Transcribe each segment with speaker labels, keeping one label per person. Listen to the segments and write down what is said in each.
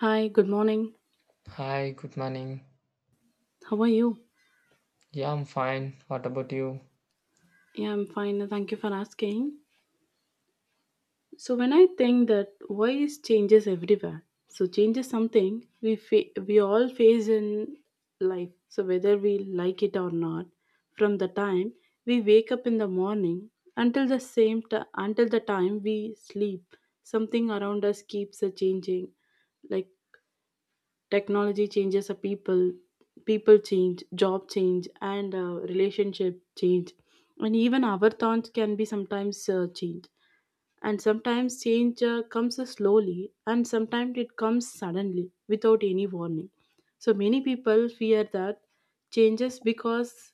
Speaker 1: Hi, good morning.
Speaker 2: Hi, good morning.
Speaker 1: How are you?
Speaker 2: Yeah, I'm fine. What about you?
Speaker 1: Yeah, I'm fine. Thank you for asking. So, when I think that voice changes everywhere, so change is something we all face in life. So, whether we like it or not, from the time we wake up in the morning until until the time we sleep, something around us keeps a changing. Like technology changes a people, people change, job change, and relationship change, and even our thoughts can be sometimes changed. And sometimes change comes slowly, and sometimes it comes suddenly without any warning. So many people fear that changes because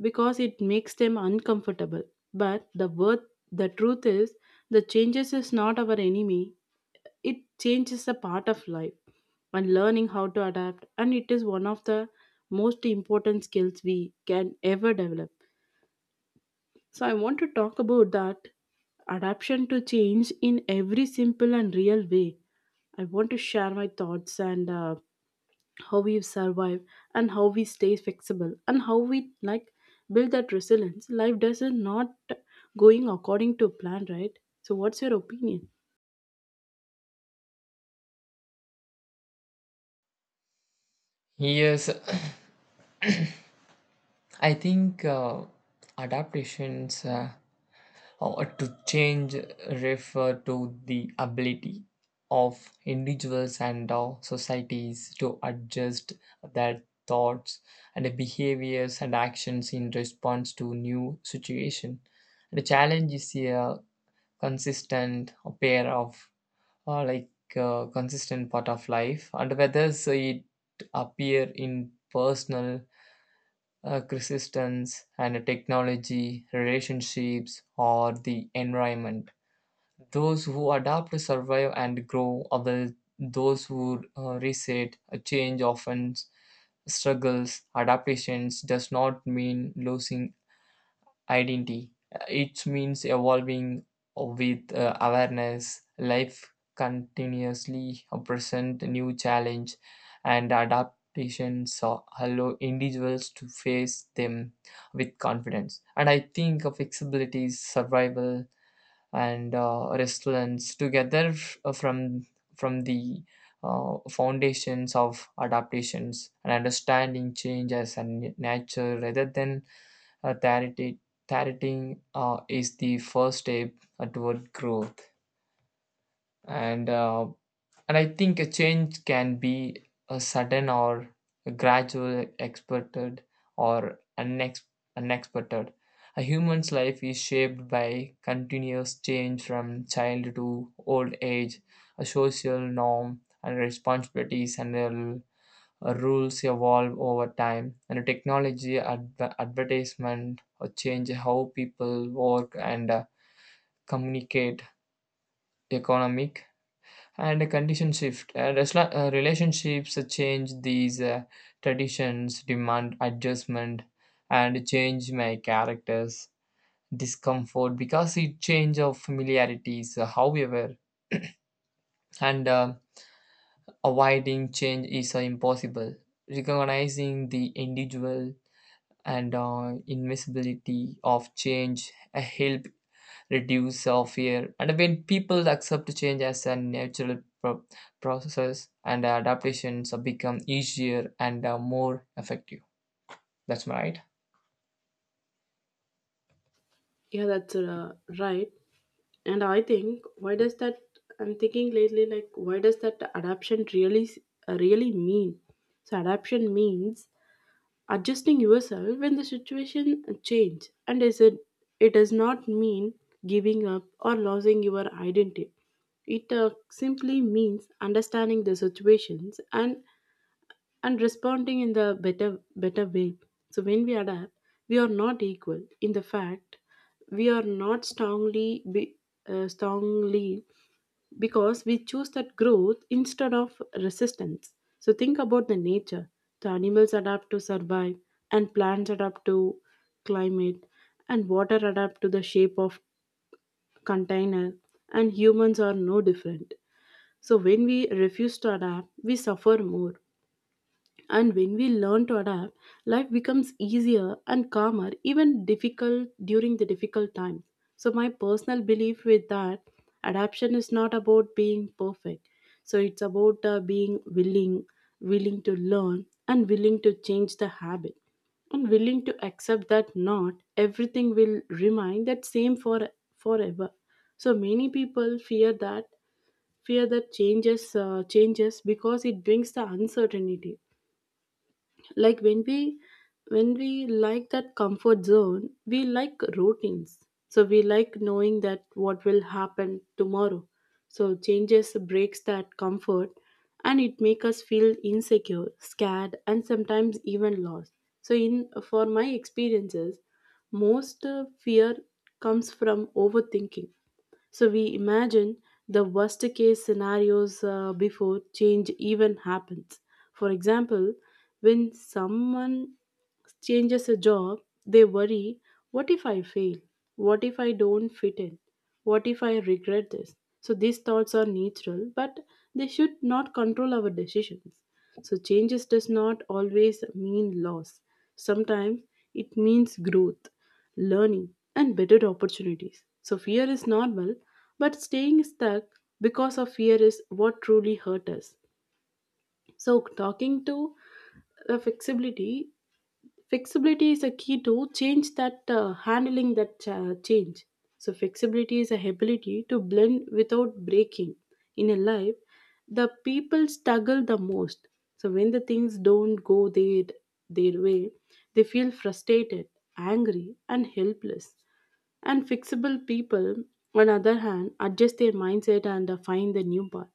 Speaker 1: because it makes them uncomfortable. But the word, the truth is, the changes is not our enemy, it changes a part of life, and learning how to adapt and it is one of the most important skills we can ever develop. So I want to talk about that adaptation to change in every simple and real way. I want to share my thoughts and how we survive and how we stay flexible and how we, like, build that resilience life doesn't not going according to plan, right? So what's your opinion?
Speaker 2: Yes, I think adaptations or to change refer to the ability of individuals and societies to adjust their thoughts and behaviors and actions in response to new situation. The challenge is a consistent pair of or like a consistent part of life, and whether so it appear in personal resistance and technology, relationships, or the environment. Those who adapt survive and grow, while those who reset a change often struggles. Adaptations does not mean losing identity. It means evolving with awareness. Life continuously present new challenge, and adaptations allow individuals to face them with confidence. And I think of flexibility, survival, and resilience together from the foundations of adaptations, and understanding change as a nature rather than uh, targeting targeting is the first step toward growth, and uh, and I think a change can be a sudden or a gradual, expected or unexpected. A human's life is shaped by continuous change from child to old age. A social norm and responsibilities and rules evolve over time, and technology advertisement change how people work and communicate. Economic and a condition shift, relationships change, these traditions demand adjustment, and change my characters discomfort because it change of familiarities. However, and avoiding change is impossible. Recognizing the individual and invisibility of change help reduce fear, and when people accept change as a process, and adaptations become easier and more effective. That's right.
Speaker 1: Yeah, that's right. And I think why does that? I'm thinking lately, like why does that adaptation really mean? So adaptation means adjusting yourself when the situation change, and is it it does not mean giving up or losing your identity. It simply means understanding the situations and responding in the better way. So when we adapt, we are not equal in the fact, we are not strongly be, strongly, because we choose that growth instead of resistance. So think about the nature, the animals adapt to survive, and plants adapt to climate, and water adapt to the shape of container, and humans are no different. So when we refuse to adapt we suffer more, and when we learn to adapt, life becomes easier and calmer, even difficult during the difficult times. So my personal belief with that adaptation is not about being perfect. So it's about being willing, willing to learn and willing to change the habit and willing to accept that not everything will remain that same for forever. So many people fear that changes changes because it brings the uncertainty, like when we, when we like that comfort zone, we like routines, so we like knowing that what will happen tomorrow. So changes breaks that comfort and it make us feel insecure, scared, and sometimes even lost. So in for my experiences, most fear comes from overthinking. So we imagine the worst case scenarios before change even happens. For example, when someone changes a job, they worry, what if I fail? What if I don't fit in? What if I regret this? So these thoughts are natural, but they should not control our decisions. So changes does not always mean loss. Sometimes it means growth, learning, and better opportunities. So fear is normal, but staying stuck because of fear is what truly hurt us. So, talking to the flexibility flexibility is a key to change that change. So flexibility is a ability to blend without breaking in a life. The people struggle the most so when the things don't go their way, they feel frustrated, angry, and helpless. And fixable people, on the other hand, adjust their mindset and find the new path.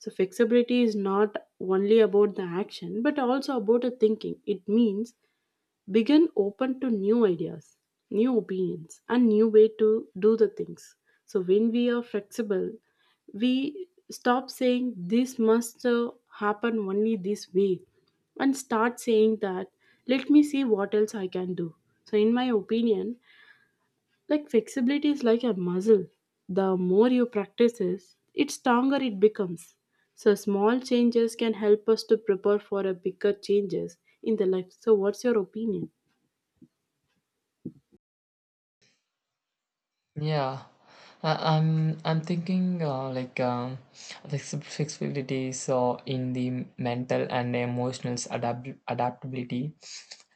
Speaker 1: So flexibility is not only about the action but also about the thinking. It means begin open to new ideas, new opinions, and new way to do the things. So when we are flexible, we stop saying this must happen only this way and start saying that, let me see what else I can do. So in my opinion, like flexibility is like a muscle. The more you practice it, it stronger it becomes. So small changes can help us to prepare for a bigger changes in the life. So what's your opinion?
Speaker 2: Yeah, I'm thinking like flexibilities in the mental and emotional adaptability,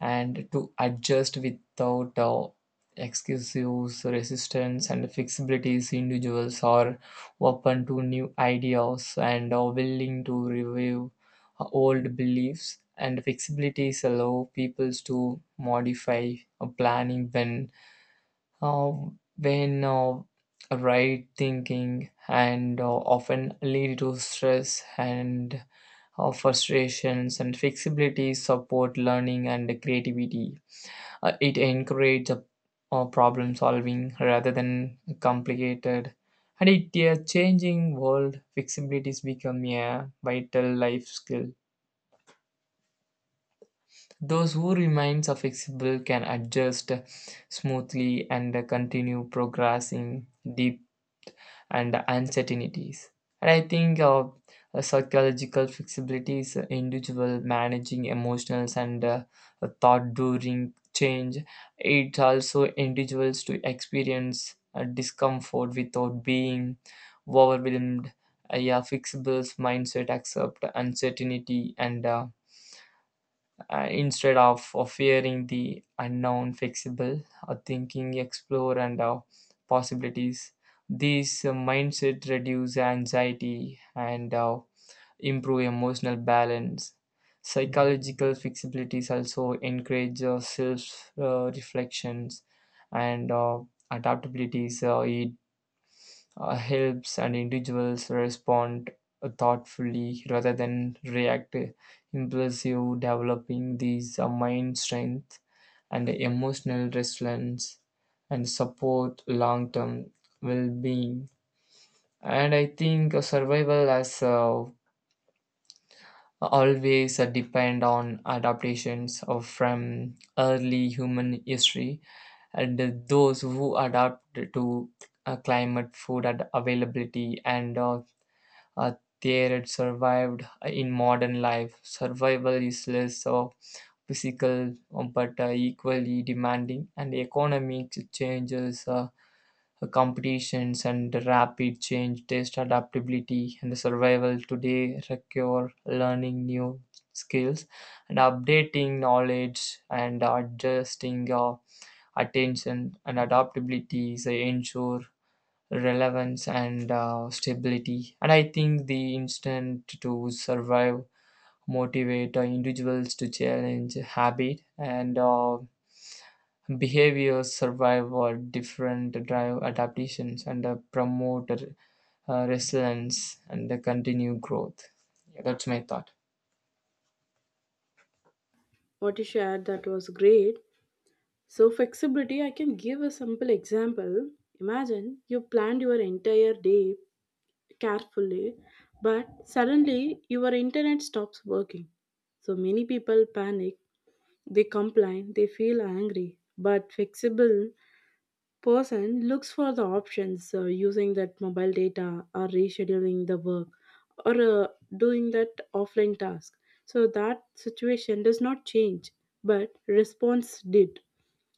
Speaker 2: and to adjust without excuses, resistance, and flexibilities. Individuals are open to new ideas and are willing to review old beliefs. And flexibilities allow people to modify a planning when uh, when uh, right thinking and often lead to stress and frustrations, and flexibility support learning and creativity. It encourages problem solving rather than complicated, and in a changing world flexibilities become a vital life skill. Those who remains are flexible can adjust smoothly and continue progressing deep and uncertainties. And I think psychological flexibility is individual managing emotions and thought during change. It also individuals to experience discomfort without being overwhelmed. Yeah, flexible mindset accept uncertainty, and instead of fearing the unknown, fixable, thinking explore and possibilities. This mindset reduce anxiety and improve emotional balance. Psychological flexibilities also encourage self reflections and adaptabilities. It helps and individuals respond thoughtfully rather than react impulsive, developing these mind strength and emotional resilience and support long-term well-being. And I think survival has always depend on adaptations of from early human history, and those who adapt to climate, food, and availability, and uh, there it survived in modern life. Survival is less of physical but equally demanding, and economic changes, competitions, and rapid change test adaptability, and survival today require learning new skills and updating knowledge and adjusting attention, and adaptability is ensure relevance and stability. And I think the instinct to survive motivate individuals to challenge habit and behaviors survive or different drive adaptations and promote resilience and continue growth. Yeah, that's my thought.
Speaker 1: What you shared, that was great. So flexibility, I can give a simple example. Imagine you planned your entire day carefully, but suddenly your internet stops working. So many people panic, they complain, they feel angry. But flexible person looks for the options, using that mobile data or rescheduling the work or doing that offline task. So that situation does not change, but response did.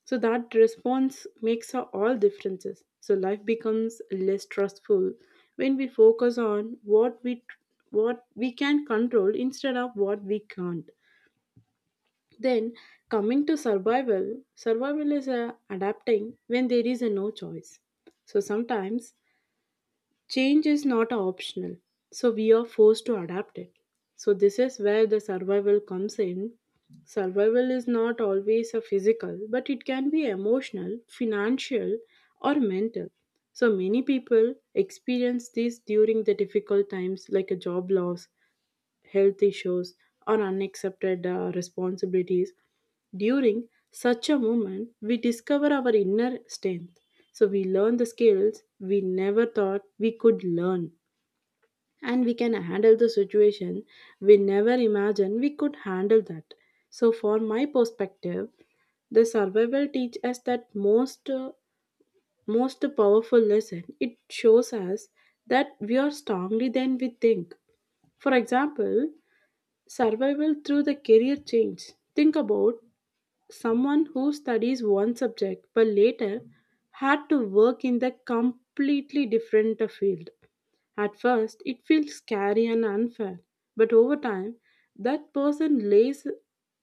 Speaker 1: So that response makes a all differences. So life becomes less stressful when we focus on what we can control instead of what we can't. Then, coming to survival, survival is adapting when there is a no choice. So sometimes change is not optional. So we are forced to adapt it. So this is where the survival comes in. Survival is not always a physical, but it can be emotional, financial, or mental. So many people experience this during the difficult times, like a job loss, health issues, or unaccepted responsibilities. During such a moment, we discover our inner strength. So we learn the skills we never thought we could learn. And we can handle the situation we never imagined we could handle that. So, for my perspective, the survival teach us that most powerful lesson. It shows us that we are stronger than we think. For example, survival through the career change. Think about someone who studies one subject but later had to work in the completely different field. At first, it feels scary and unfair, but over time, that person lays,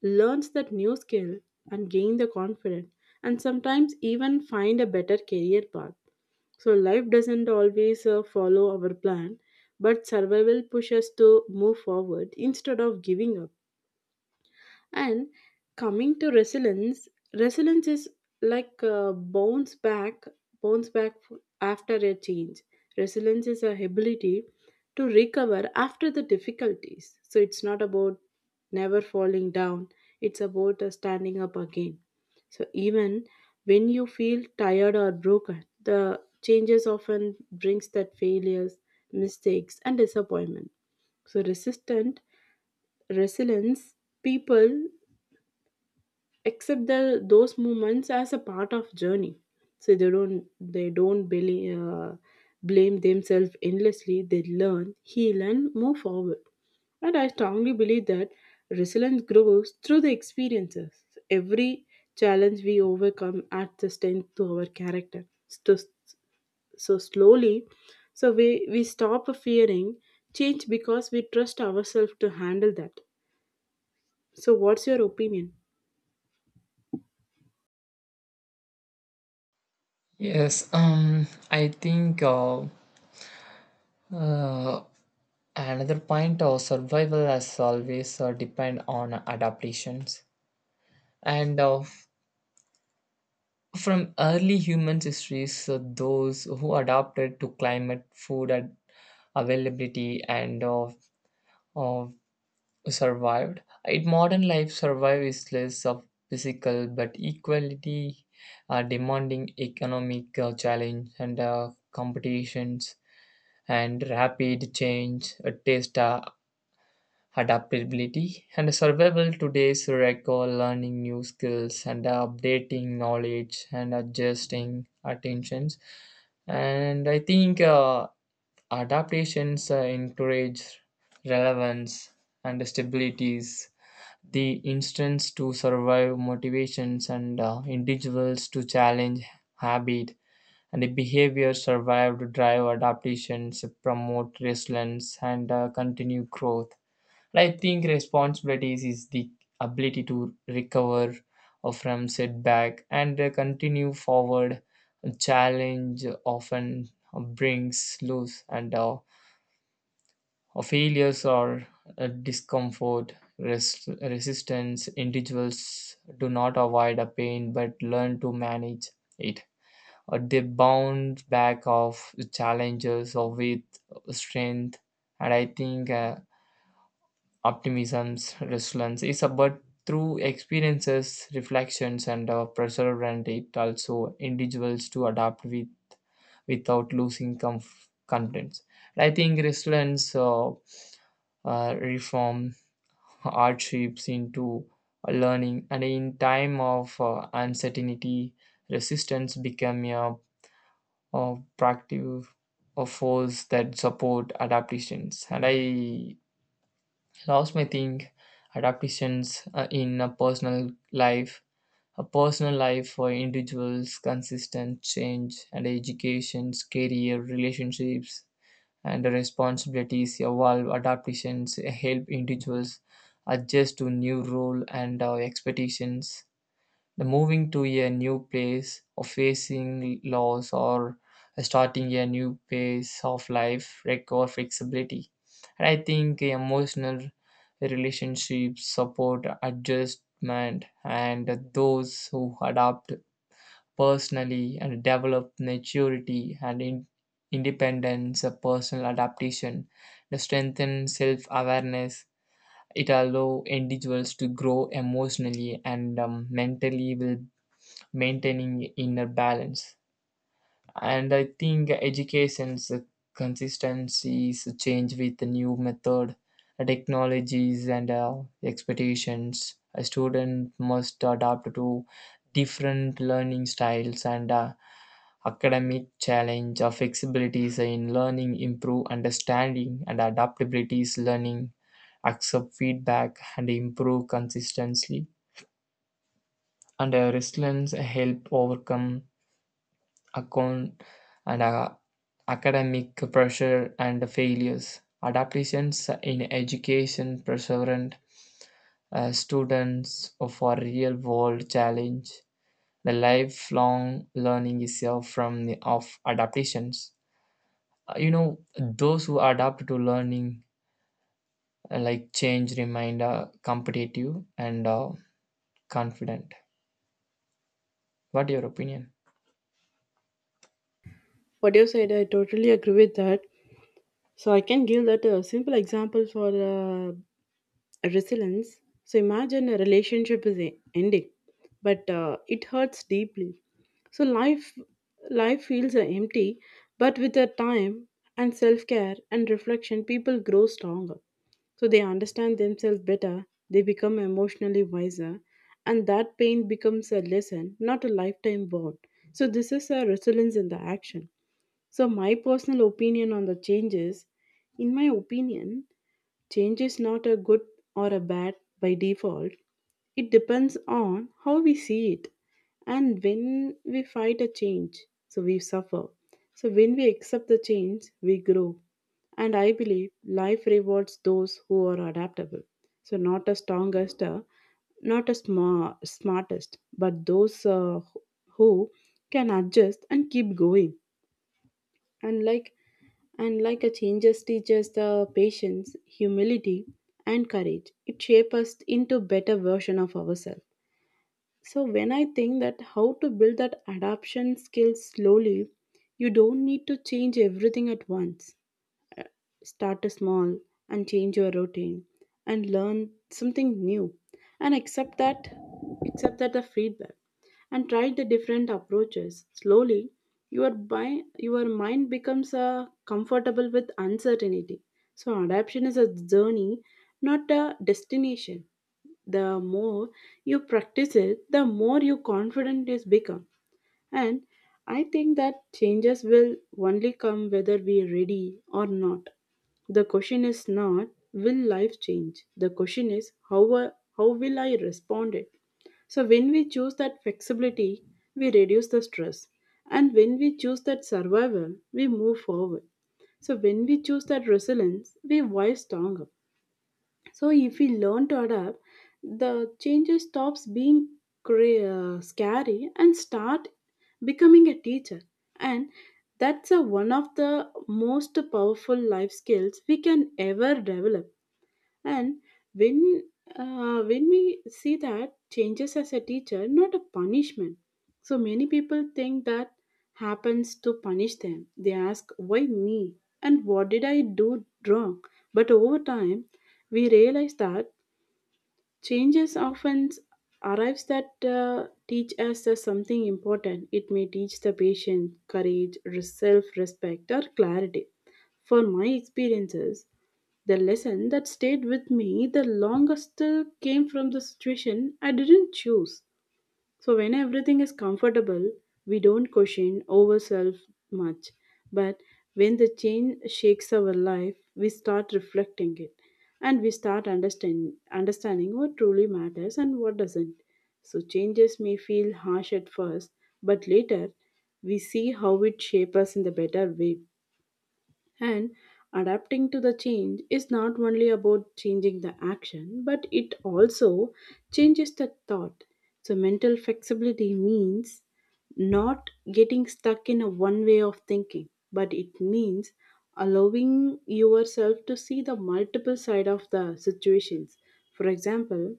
Speaker 1: learns that new skill and gain the confidence and sometimes even find a better career path. So life doesn't always follow our plan, but survival pushes us to move forward instead of giving up. And coming to resilience, resilience is like a bounce back after a change. Resilience is a ability to recover after the difficulties. So it's not about never falling down. It's about standing up again. So even when you feel tired or broken, the changes often brings that failures, mistakes, and disappointment. So resistant resilience people accept the, those moments as a part of journey. So they don't believe, blame themselves endlessly. They learn, heal, and move forward. And I strongly believe that resilience grows through the experiences. Every challenge we overcome adds the strength to our character. So, so slowly, so we stop fearing change because we trust ourselves to handle that. So what's your opinion?
Speaker 2: Yes, I think uh, another point of survival has always depend on adaptations, and from early human histories, those who adapted to climate, availability, and of survived. In modern life, survive is less of physical but equality, demanding economic challenge and competitions, and rapid change, taste adaptability, and survival today's require learning new skills and updating knowledge and adjusting attentions. And I think adaptations encourage relevance and stabilities. The instance to survive motivations and individuals to challenge habit and the behavior survive to drive adaptations promote resilience and continue growth. I think responsibilities is the ability to recover from setback and continue forward. A challenge often brings loss and failures or discomfort. Resistance individuals do not avoid a pain but learn to manage it. They bounce back of challenges or with strength, and I think. Optimisms, resilience is about through experiences, reflections, and preserve, and it also individuals to adapt with without losing contents. I think resilience reform hardships into learning, and in time of uncertainty, resistance become a proactive a force that support adaptations. And I lost my thing. Adaptations in a personal life, a personal life for individuals, consistent change and educations, career, relationships and responsibilities evolve. Adaptations help individuals adjust to new role and expectations. The moving to a new place, or facing loss, or starting a new phase of life require flexibility. And I think emotional relationships support adjustment, and those who adapt personally and develop maturity and independence, a personal adaptation, to strengthen self awareness. It allows individuals to grow emotionally and mentally, will maintaining inner balance. And I think education's consistencies change with the new method, technologies, and expectations. A student must adapt to different learning styles and academic challenge or flexibilities in learning improve understanding and adaptabilities, learning accept feedback and improve consistently, and resilience help overcome account and academic pressure and failures. Adaptations in education perseverant students for real world challenge. The lifelong learning is of adaptations. You know, those who adapt to learning like change remain competitive and confident. What your opinion?
Speaker 1: What you said, I totally agree with that. So I can give that a simple example for resilience. So imagine a ending, but it hurts deeply. So life feels empty, but with the time and self care and reflection, people grow stronger. So they understand themselves better. They become emotionally wiser, and that pain becomes a lesson, not a lifetime bond. So this is a resilience in the action. So, my personal opinion on the changes, in my opinion, change is not a good or a bad by default. It depends on how we see it. And when we fight a change, so we suffer. So, when we accept the change, we grow. And I believe life rewards those who are adaptable. So, not the strongest, not smartest, but those who can adjust and keep going. And like and like a changes teaches the patience, humility, and courage. It shapes us into better version of ourselves. So when I think that how to build that adaptation skills slowly, you don't need to change everything at once. Start small and change your routine and learn something new and accept that the feedback and try the different approaches slowly your by your mind becomes comfortable with uncertainty. So adaptation is a journey, not a destination. The more you practice it, the more you confident is become. And I think that changes will only come whether we are ready or not. The question is not, will life change? The question is, how will I respond it? So when we choose that flexibility, we reduce the stress. And when we choose that survival, we move forward. So when we choose that resilience, we rise stronger. So if we learn to adapt, the changes stops being cra- scary and start becoming a teacher. And that's a, one of the most powerful life skills we can ever develop. And when when we see that changes as a teacher, not a punishment. So many people think that happens to punish them. They ask, why me? And what did I do wrong? But over time, we realize that changes often arrives that teach us as something important. It may teach the patient, courage, self-respect, or clarity. For my experiences, the lesson that stayed with me the longest came from the situation I didn't choose. So when everything is comfortable, we don't question ourselves much. But when the change shakes our life, we start reflecting it, and we start understanding what truly matters and what doesn't. So changes may feel harsh at first, but later we see how it shapes us in the better way. And adapting to the change is not only about changing the action, but it also changes the thought. So mental flexibility means not getting stuck in a one way of thinking, but it means allowing yourself to see the multiple side of the situations. For example,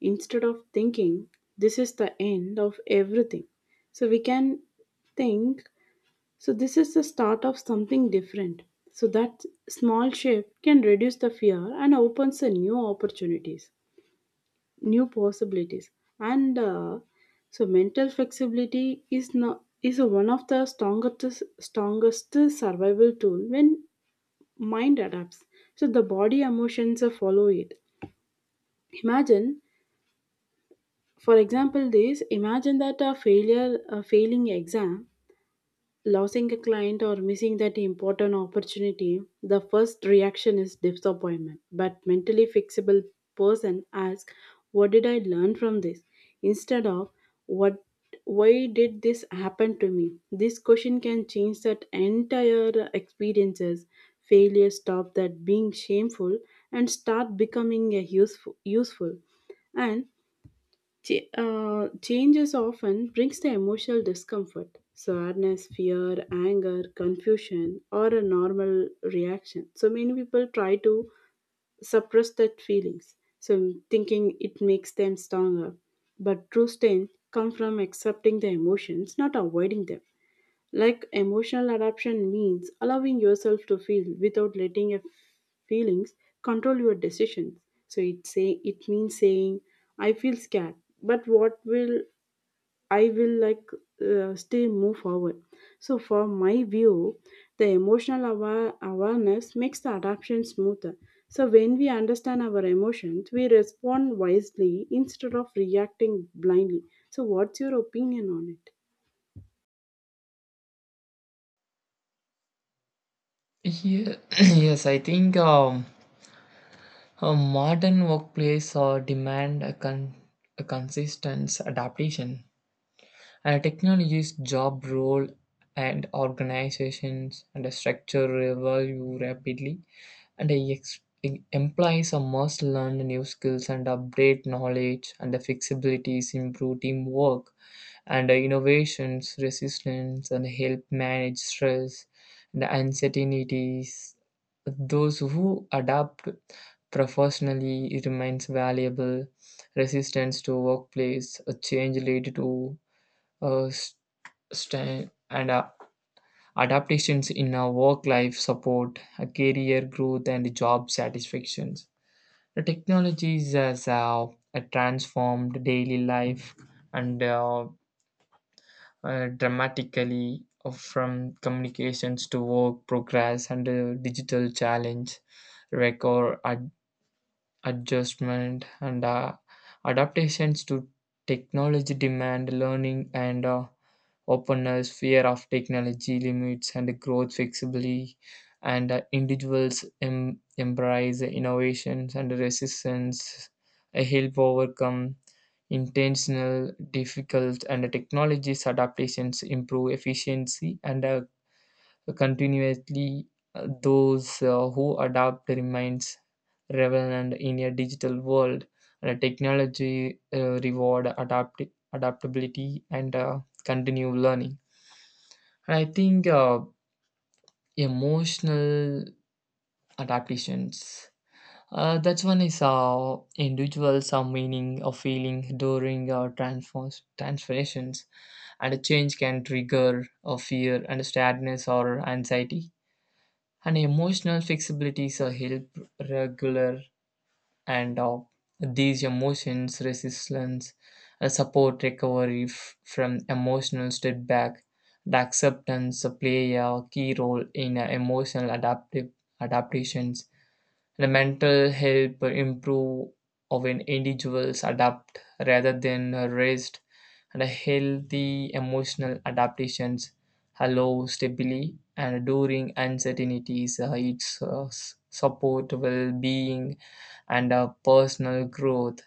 Speaker 1: instead of thinking this is the end of everything, so we can think, so this is the start of something different. So that small shift can reduce the fear and opens the new opportunities, new possibilities. And uh, Mental flexibility is not is one of the strongest survival tool when mind adapts. So the body emotions follow it. Imagine, for example, this. Imagine that a failure, a failing exam, losing a client or missing that important opportunity, the first reaction is disappointment. But mentally fixable person asks, "What did I learn from this?" instead of "What, why did this happen to me?" This question can change that entire experiences. Failure stop that being shameful and start becoming a useful. and. Changes often brings the emotional discomfort, sadness, fear, anger, confusion, or a normal reaction. So many people try to suppress that feelings, so thinking it makes them stronger. But true strength comes from accepting the emotions, not avoiding them. Like, emotional adaptation means allowing yourself to feel without letting your feelings control your decisions. So it means saying, "I feel scared, but what will I will like still move forward." So for my view, the awareness makes the adaptation smoother. So when we understand our emotions, we respond wisely instead of reacting blindly. So what's your opinion on it?
Speaker 2: Yeah, yes, I think a modern workplace demand a consistent adaptation. A technology's job role and organizations and a structure evolve rapidly, and implies a must learn new skills and update knowledge, and the flexibilities improve teamwork and innovations, resistance, and help manage stress and uncertainties. Those who adapt professionally remains valuable. Resistance to workplace a change lead to uh, stand and adaptations in our work life support, career growth, and job satisfactions. The technologies has transformed daily life and dramatically from communications to work progress and digital challenge, record ad- adjustment, and adaptations to technology demand, learning and openness, fear of technology limits, and growth flexibility, and individuals embrace innovations, and resistance help overcome intentional, difficult, and technologies adaptations improve efficiency and continuously. Those who adapt remains relevant in a digital world, and technology reward adaptability and continue learning. And I think emotional adaptations. That's one is saw individuals are meaning or feeling during transformations, and a change can trigger a fear and sadness or anxiety. And emotional flexibilities are help regular and these emotions resilience support recovery from emotional setback, the acceptance play a key role in emotional adaptive adaptations, the mental help improve of an individuals adapt rather than rest, and a healthy emotional adaptations allow stability, and during uncertainties it's support well-being and personal growth.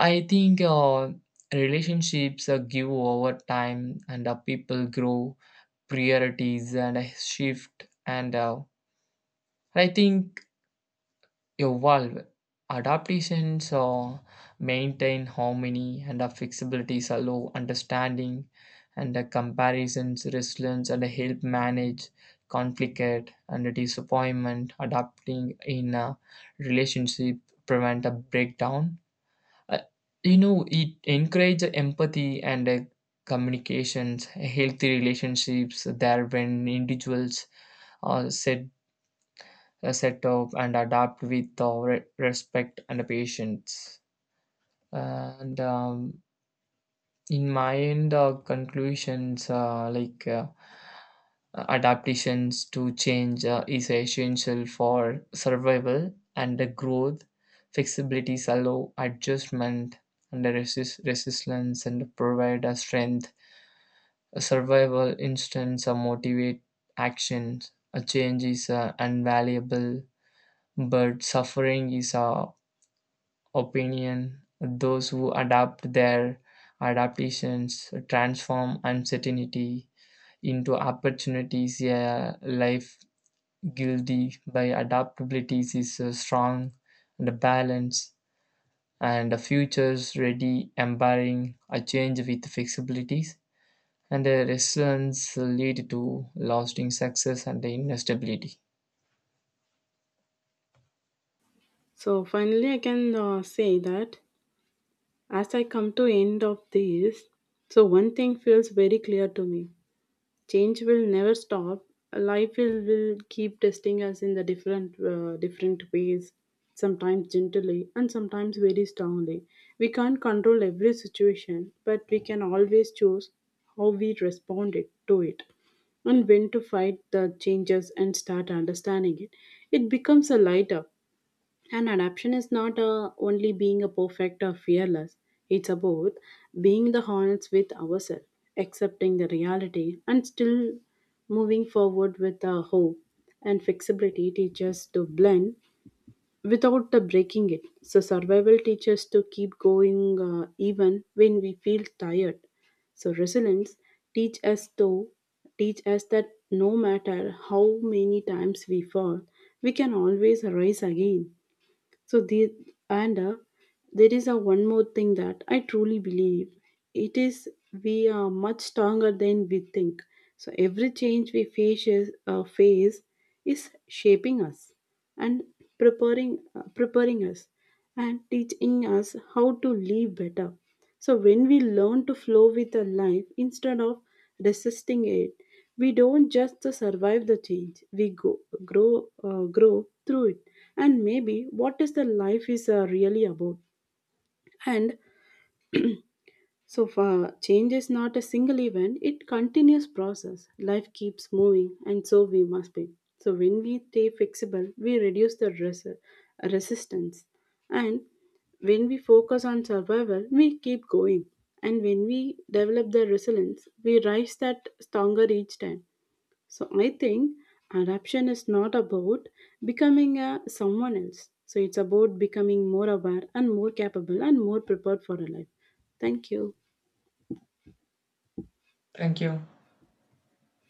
Speaker 2: I think relationships give over time, and people grow, priorities and shift, and I think evolve. Adaptations maintain harmony and flexibilities allow understanding and comparisons, resilience, and help manage conflict and disappointment. Adapting in a relationship prevent a breakdown. Uh, you know, it encourages empathy and communications, healthy relationships there when individuals are set, set up and adapt with respect and patience. And in my end conclusions, adaptations to change is essential for survival and the growth. Flexibilities allow adjustment, and the resistance and provide a strength, a survival instance motivate actions. A change is invaluable but suffering is opinion. Those who adapt their adaptations transform uncertainty into opportunities. A life guilty by adaptabilities is a strong and balanced, and a futures ready embarking a change with flexibilities and a resilience lead to lasting success and the inner stability.
Speaker 1: So finally, I can say that as I come to end of this, so one thing feels very clear to me: change will never stop. Life will keep testing us in the different ways. Sometimes gently and sometimes very strongly. We can't control every situation, but we can always choose how to it, and when to fight the changes and start understanding it. It becomes a lighter, and adaptation is not only being a perfect or fearless, it's about being the honest with ourselves, accepting the reality, and still moving forward with hope. And flexibility teaches to blend without the breaking it. So survival teaches to keep going even when we feel tired. So resilience teach us to teach us that no matter how many times we fall, we can always rise again. So the and uh, there is a one more thing that I truly believe. It is, we are much stronger than we think. So every change we face is shaping us and preparing us and teaching us how to live better. So when we learn to flow with the life instead of resisting it, we don't just survive the change, we grow through it. And maybe what is the life is really about? And so far, change is not a single event, it continuous process. Life keeps moving and so we must be. So when we stay flexible, we reduce the resistance. And when we focus on survival, we keep going. And when we develop the resilience, we rise that stronger each time. So I think adaptation is not about becoming a someone else. So it's about becoming more aware and more capable and more prepared for a life. Thank you.